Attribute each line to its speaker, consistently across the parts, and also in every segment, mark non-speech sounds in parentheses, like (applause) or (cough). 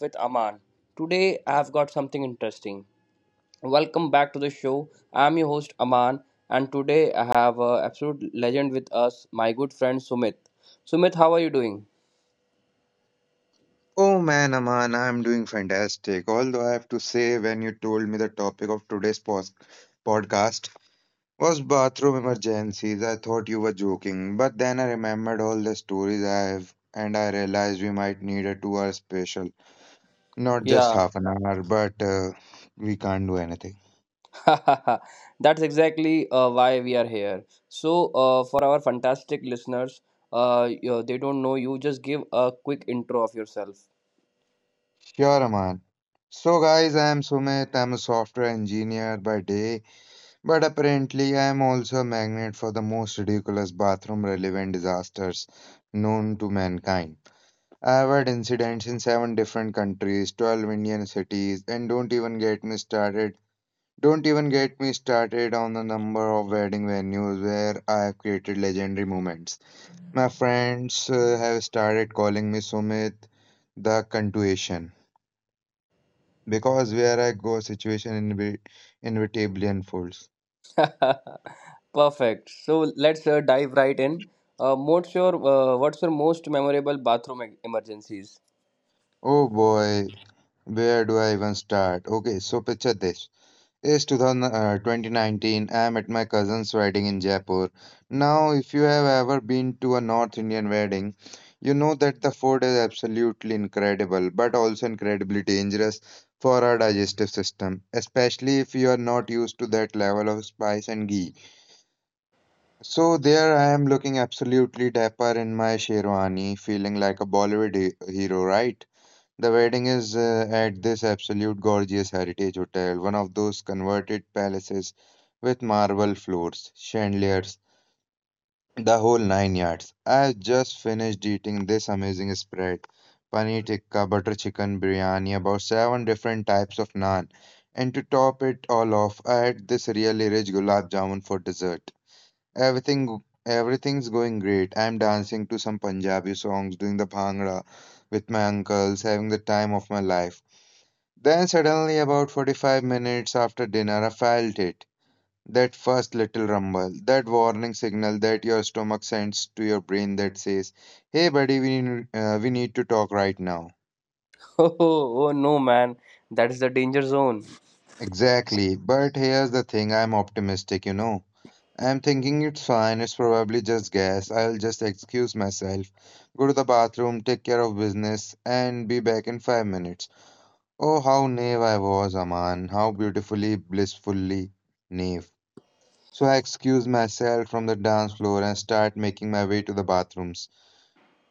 Speaker 1: With Aman. Today, I have got something interesting. Welcome back to the show. I am your host, Aman, and today I have an absolute legend with us, my good friend Sumit. Sumit, how are you doing?
Speaker 2: Oh man, Aman, I'm doing fantastic. Although I have to say, when you told me the topic of today's pos podcast was bathroom emergencies, I thought you were joking. But then I remembered all the stories I have, and I realized we might need a two-hour special, not just
Speaker 1: Yeah,
Speaker 2: half an hour. But we can't do anything.
Speaker 1: (laughs) that's exactly why we are here. So, for our fantastic listeners, they don't know you, just give a quick intro of yourself.
Speaker 2: Sure, Aman. So, guys, I'm Sumit. I'm a software engineer by day. But apparently, I am also a magnet for the most ridiculous bathroom relevant disasters known to mankind. I have had incidents in seven different countries, 12 Indian cities, and don't even get me started. Don't even get me started on the number of wedding venues where I have created legendary moments. My friends have started calling me Sumit the Contuation because where I go, situation inevitably unfolds.
Speaker 1: (laughs) Perfect. So let's dive right in. What's your most memorable bathroom emergencies? (laughs)
Speaker 2: Oh boy, where do I even start? Okay, so picture this. It's 2019. I'm at my cousin's wedding in Jaipur. Now, if you have ever been to a North Indian wedding, you know that the food is absolutely incredible, but also incredibly dangerous for our digestive system, especially if you are not used to that level of spice and ghee. So there I am, looking absolutely dapper in my sherwani, feeling like a Bollywood hero, right? The wedding is at this absolute gorgeous heritage hotel, one of those converted palaces with marble floors, chandeliers, the whole nine yards. I just finished eating this amazing spread, paneer tikka, butter chicken biryani, about seven different types of naan, and to top it all off, I had this really rich gulab jamun for dessert. Everything, everything's going great. I'm dancing to some Punjabi songs, doing the bhangra with my uncles, having the time of my life. Then suddenly, about 45 minutes after dinner, I felt it. That first little rumble, that warning signal that your stomach sends to your brain that says, "Hey, buddy, we need to talk right now."
Speaker 1: Oh, oh no, man, that is the danger zone.
Speaker 2: Exactly. But here's the thing, I'm optimistic, you know. I'm thinking it's fine, it's probably just gas. I'll just excuse myself, go to the bathroom, take care of business, and be back in five minutes. Oh, how naive I was, Aman. How beautifully, blissfully naive. So I excuse myself from the dance floor and start making my way to the bathrooms.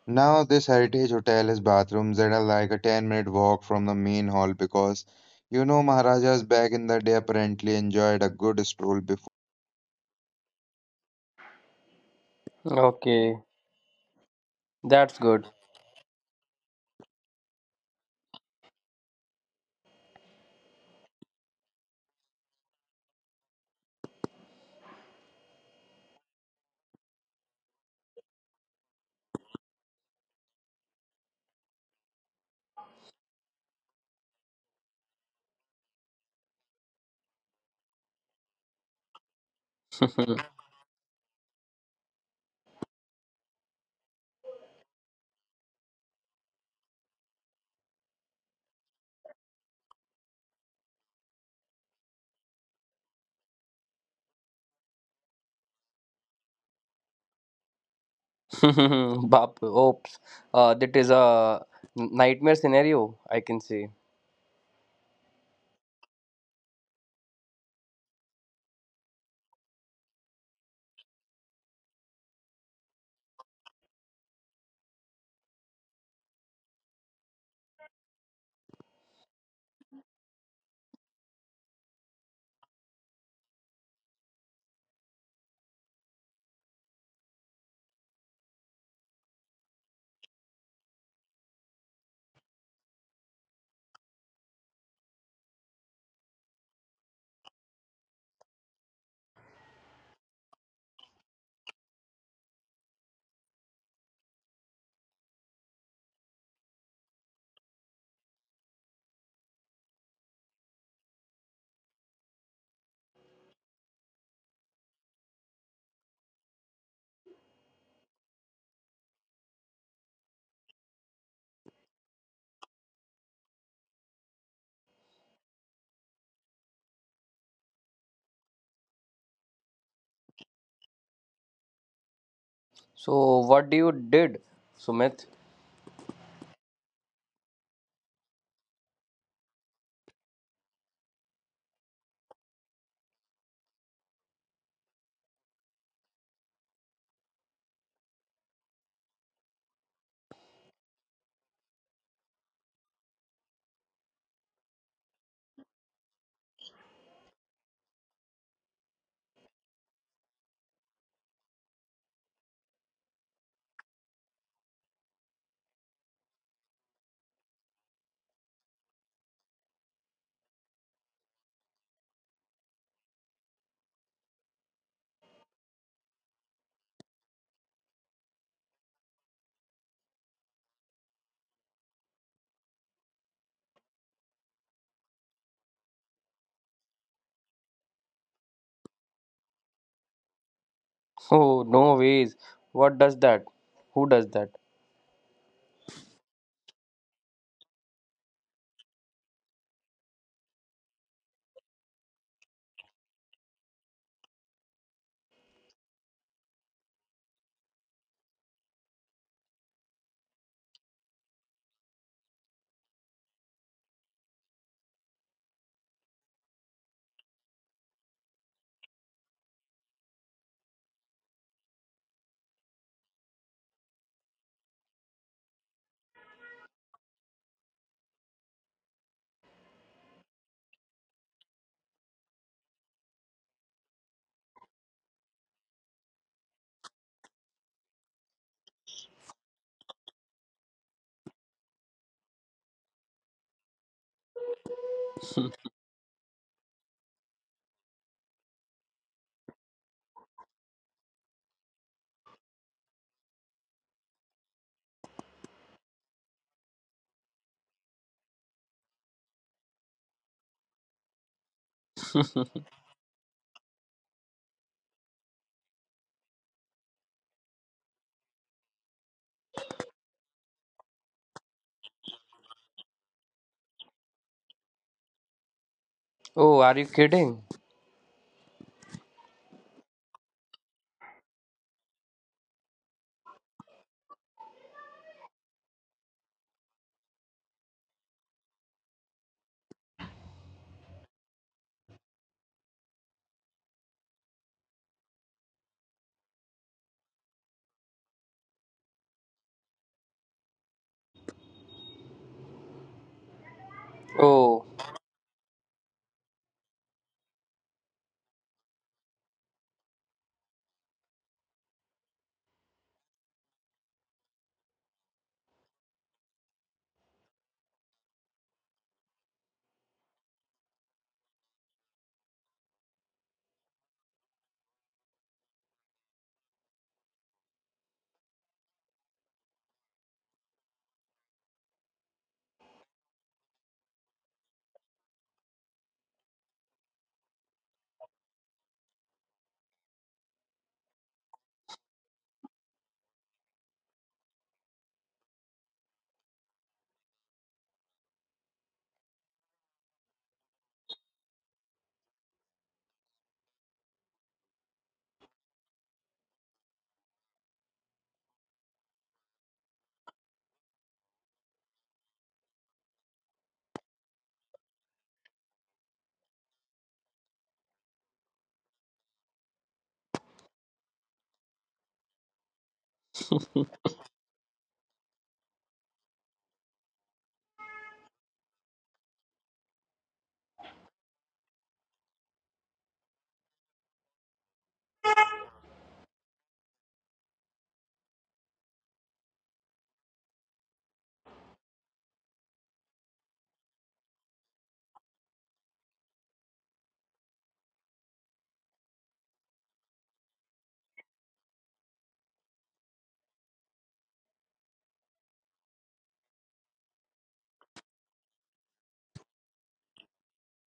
Speaker 2: Now, this heritage hotel has bathrooms that are like a 10-minute minute walk from the main hall because, you know, Maharajas back in the day apparently enjoyed a good stroll before.
Speaker 1: Okay, that's good. (laughs) Bap, oops, that is a nightmare scenario, I can say. So what do you did, Sumit? (laughs) Oh no ways. What does that? Who does that? (laughs) Oh, are you kidding? Oh. (laughs)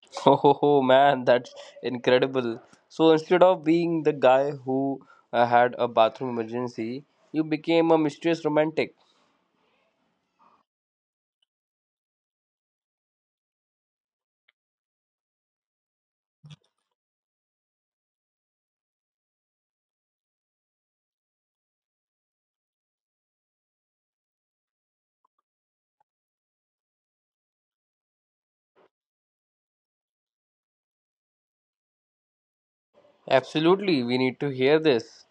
Speaker 1: (laughs) Oh, ho, ho, man, that's incredible. So instead of being the guy who had a bathroom emergency, you became a mysterious romantic. Absolutely, we need to hear this.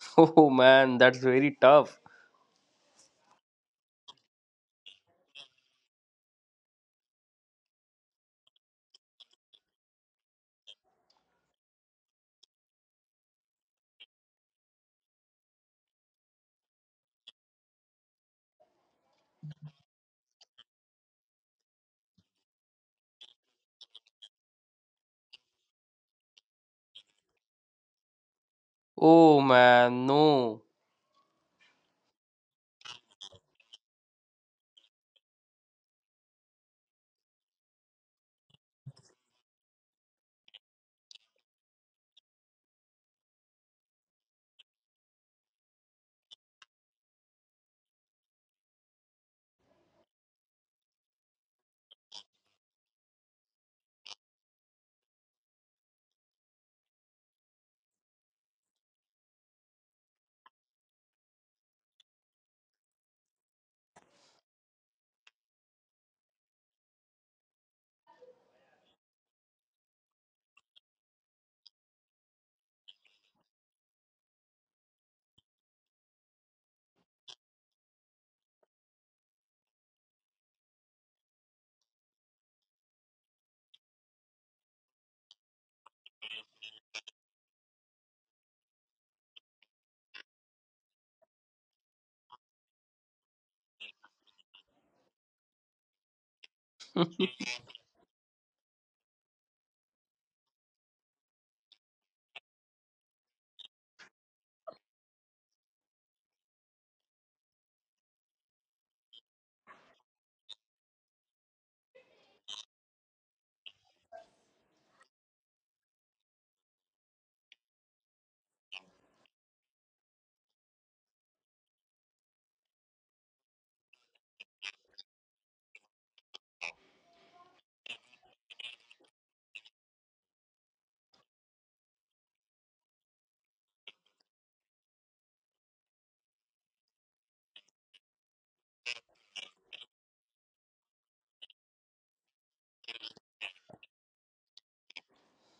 Speaker 1: (laughs) Oh man, that's very tough. Oh man, no.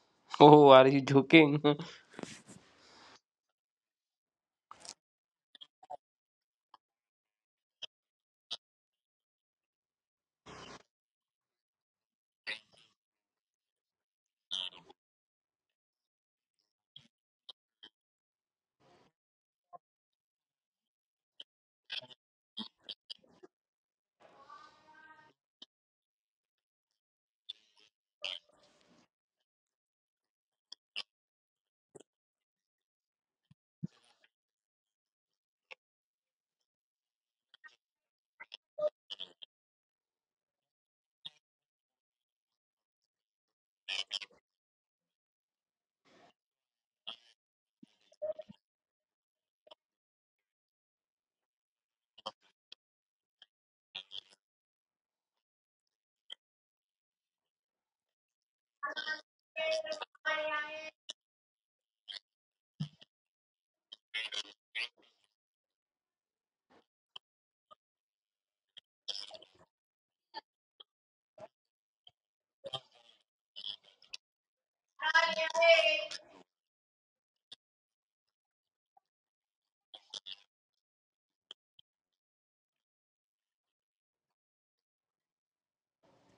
Speaker 1: (laughs) Oh, are you joking? (laughs)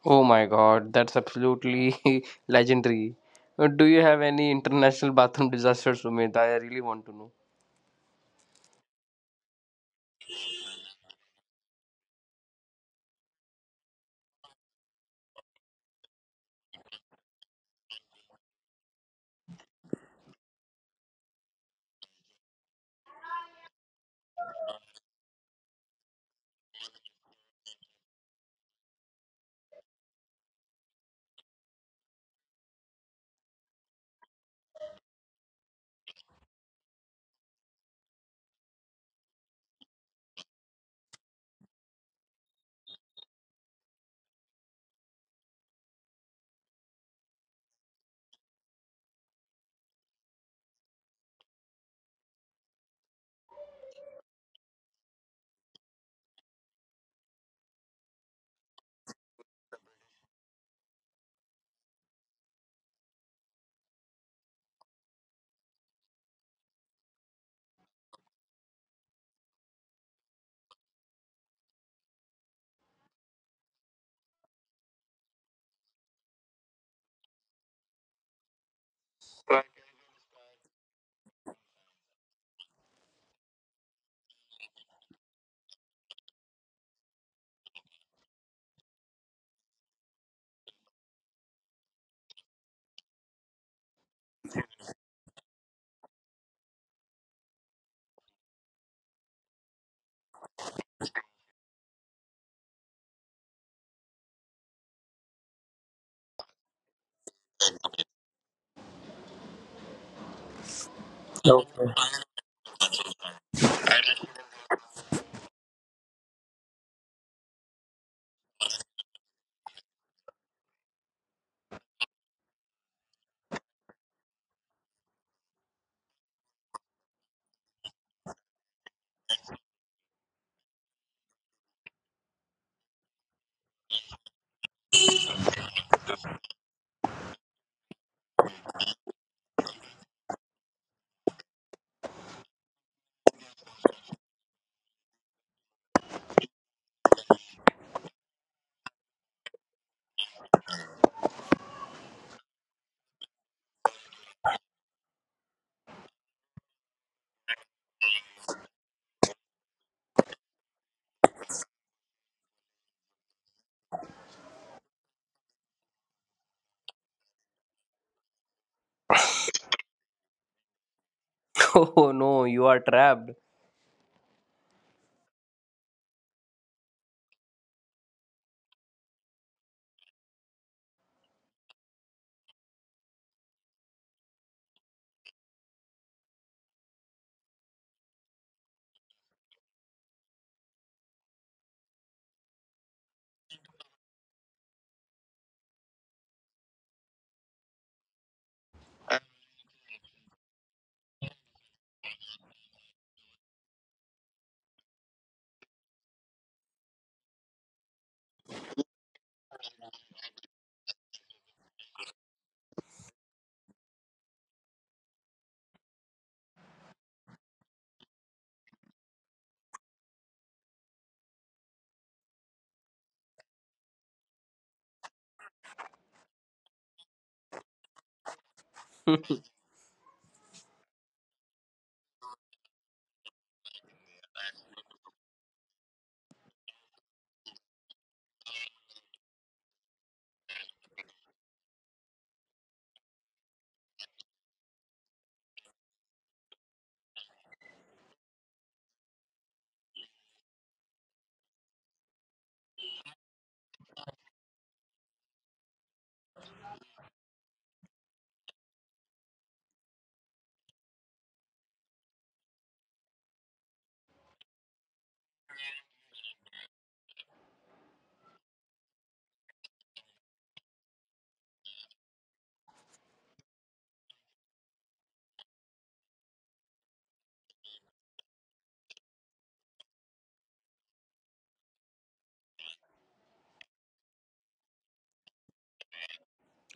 Speaker 1: Oh my god, that's absolutely (laughs) legendary. Do you have any international bathroom disasters, Sumit? I really want to know.
Speaker 3: Okay. (laughs) Oh no, you are trapped.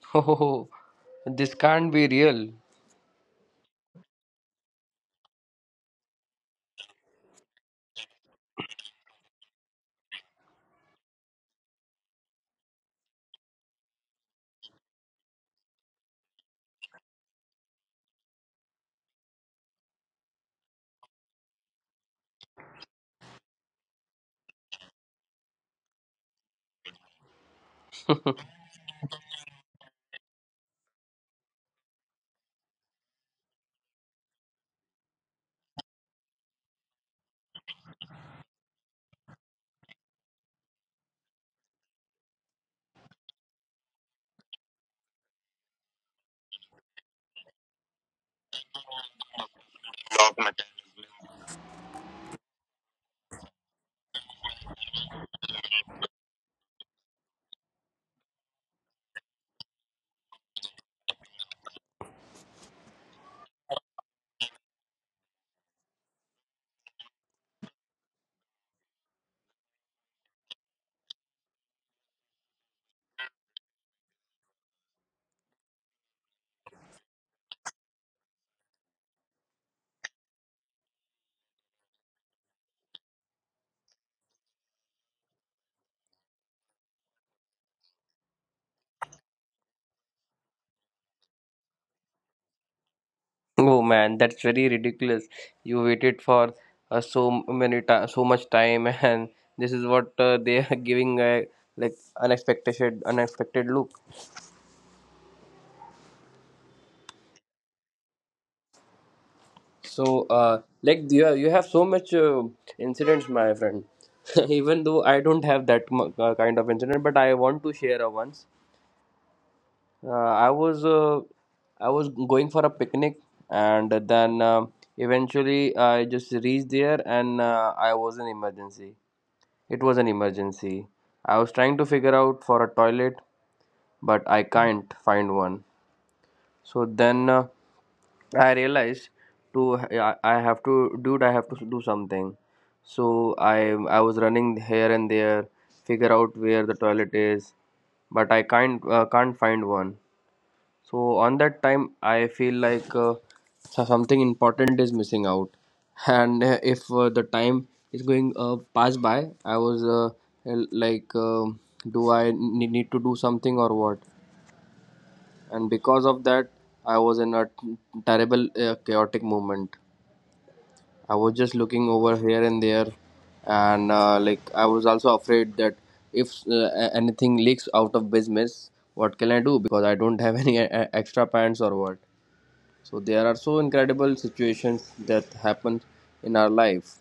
Speaker 3: (laughs) Oh, this can't be real. (laughs) Oh man, that's very ridiculous. You waited for so many ti so much time, (laughs) and this is what they are giving a like unexpected, unexpected look. So, uh, like you have so much incidents, my friend. (laughs) Even though I don't have that kind of incident, but I want to share a once. Uh, I was uh, I was going for a picnic, and then eventually I just reached there, and I was an emergency. It was an emergency. I was trying to figure out for a toilet, but I can't find one. So then I realized to I have to dude I have to do something. So I I was running here and there, figure out where the toilet is, but I can't can't find one. So on that time, I feel like something important is missing out, (laughs) and if the time is going pass by, I was like, do I need to do something or what? And because of that, I was in a terrible chaotic moment. I was just looking over here and there, and like I was also afraid that if anything leaks out of business, what can I do? Because I don't (laughs) have any extra pants or what? So there are so incredible situations that happen in our life.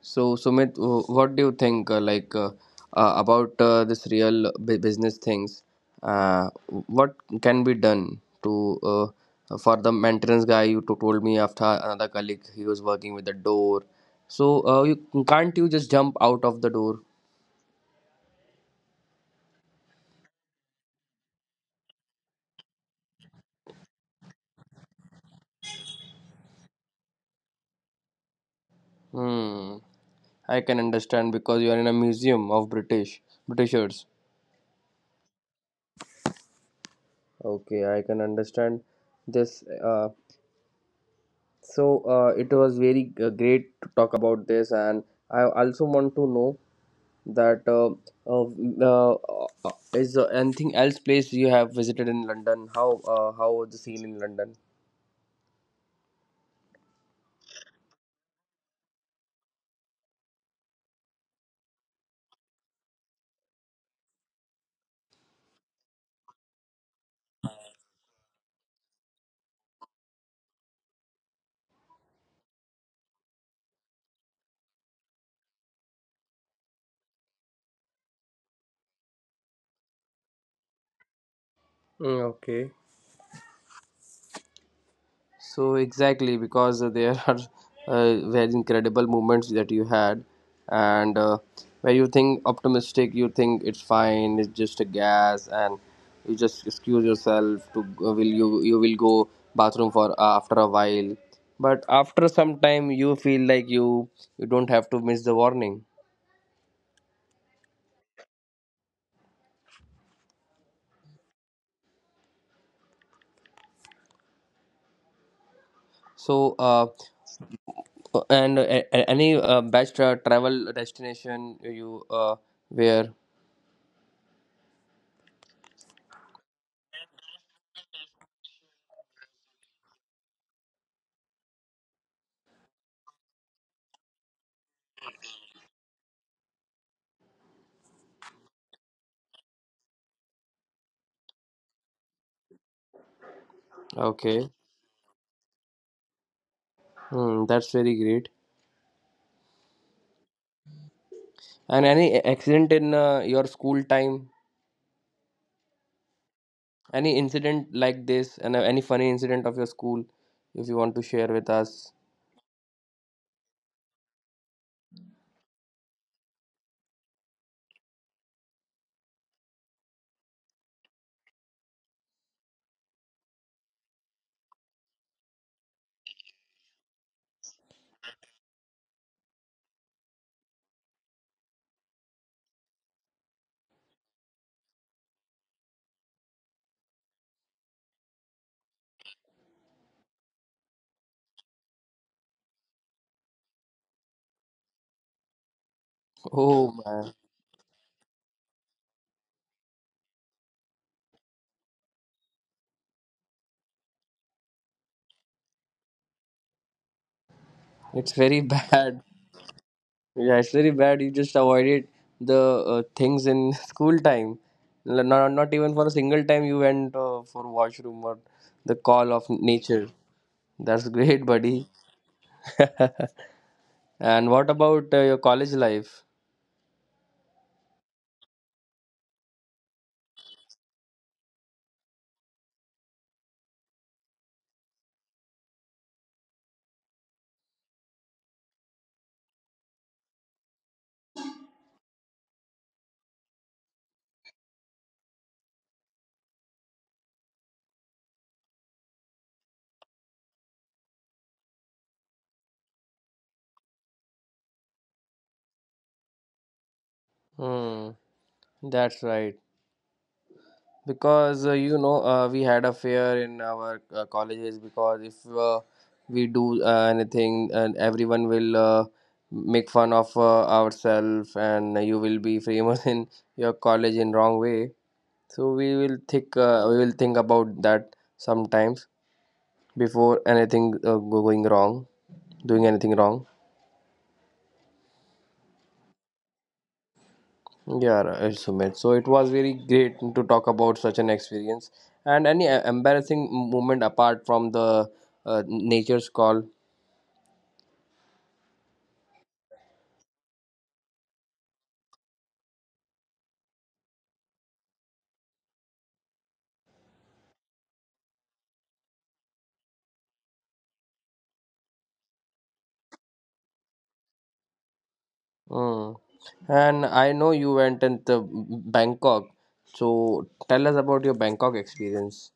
Speaker 3: So Sumit, what do you think like about this real business things? Uh, what can be done to for the maintenance guy you told me after another colleague he was working with the door. So you can't you just jump out of the door? Hmm. I can understand because you are in a museum of British Britishers. Okay, I can understand this. So it was very great to talk about this, and I also want to know that uh, is there anything else place you have visited in London? How was the scene in London? Mm, okay. So exactly because there (laughs) are very incredible moments that you had, and where you think optimistic, you think it's fine, it's just a gas, and you just excuse yourself to will you you will go bathroom for after a while, but after some time you feel like you don't have to miss the warning. So and uh, any best travel destination you where okay. Hmm, that's very great. And any accident in your school time? Any incident like this? And any funny incident of your school, if you want to share with us? (laughs) Oh man, it's very (laughs) bad. Yeah, it's very bad. You just avoided the things in (laughs) school time. Not, not even for a single time you went for washroom or the call of nature. That's great, buddy. (laughs) And what about your college life? Hmm, that's right. Because you know we had a fair in our colleges, because if uh, we do anything and everyone will make fun of ourselves and you will be famous (laughs) in your college in wrong way. So we will think about that sometimes before anything going wrong doing anything wrong. Yeah, right, Sumit. So it was very great to talk about such an experience. And any embarrassing moment apart from the nature's call. Mm. And I know you went into Bangkok. So tell us about your Bangkok experience.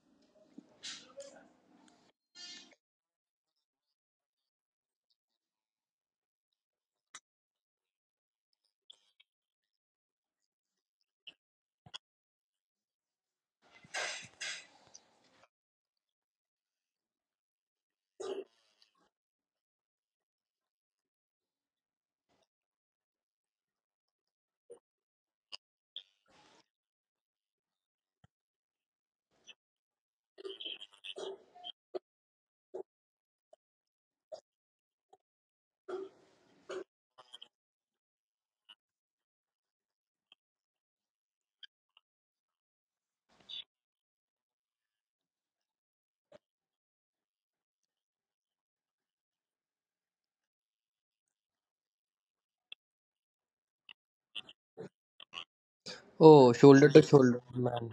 Speaker 3: Oh, shoulder to shoulder, man.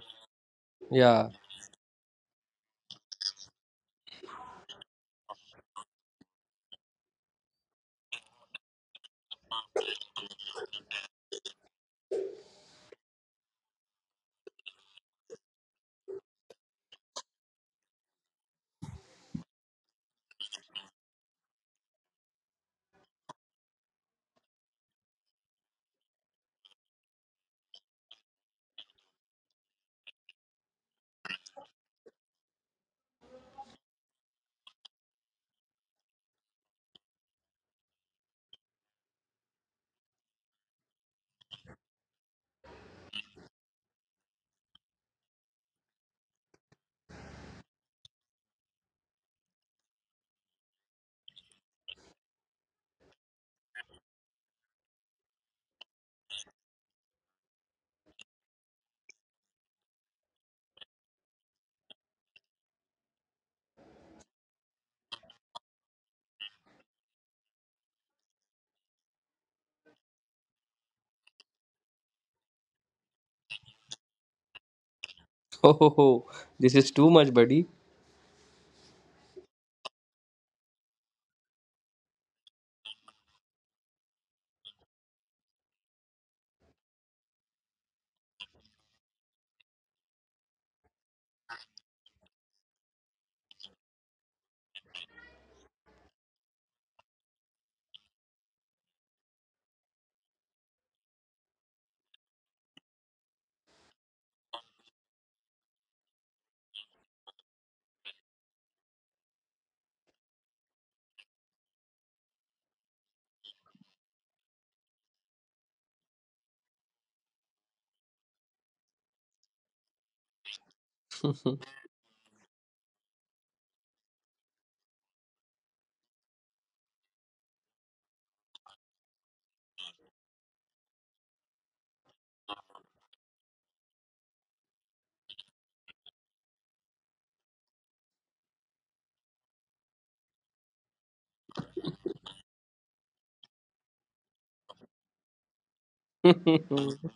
Speaker 3: Yeah. (laughs) Oh, this is too much, buddy. (laughs)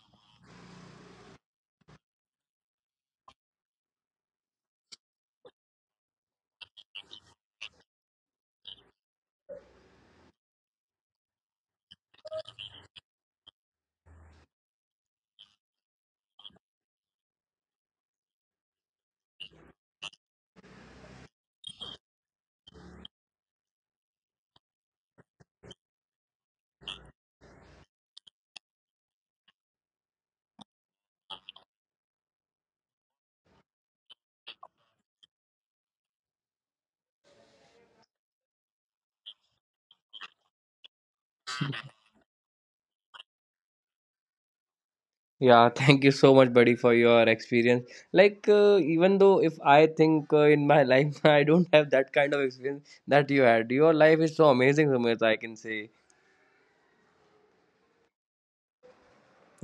Speaker 3: Yeah, (laughs) thank you so much, buddy, for your experience. Like, even though if I think in my life, (laughs) I don't have that kind of experience that you had. Your life is so amazing, Sumit, I can say.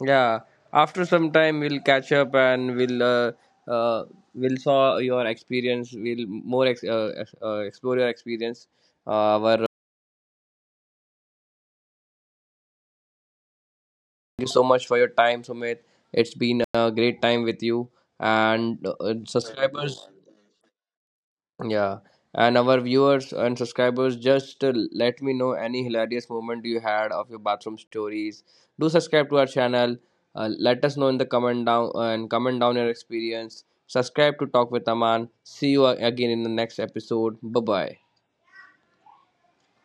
Speaker 3: Yeah, after some time, we'll catch up and uh, we'll saw your experience. We'll explore your experience, our
Speaker 1: Thank you so much for your time, Sumit. It's been a great time with you and subscribers. Yeah, and our viewers and subscribers, just let me know any hilarious moment you had of your bathroom stories. Do subscribe to our channel. Let us know in the comment down and comment down your experience. Subscribe to Talk with Aman. See you again in the next episode. Bye bye.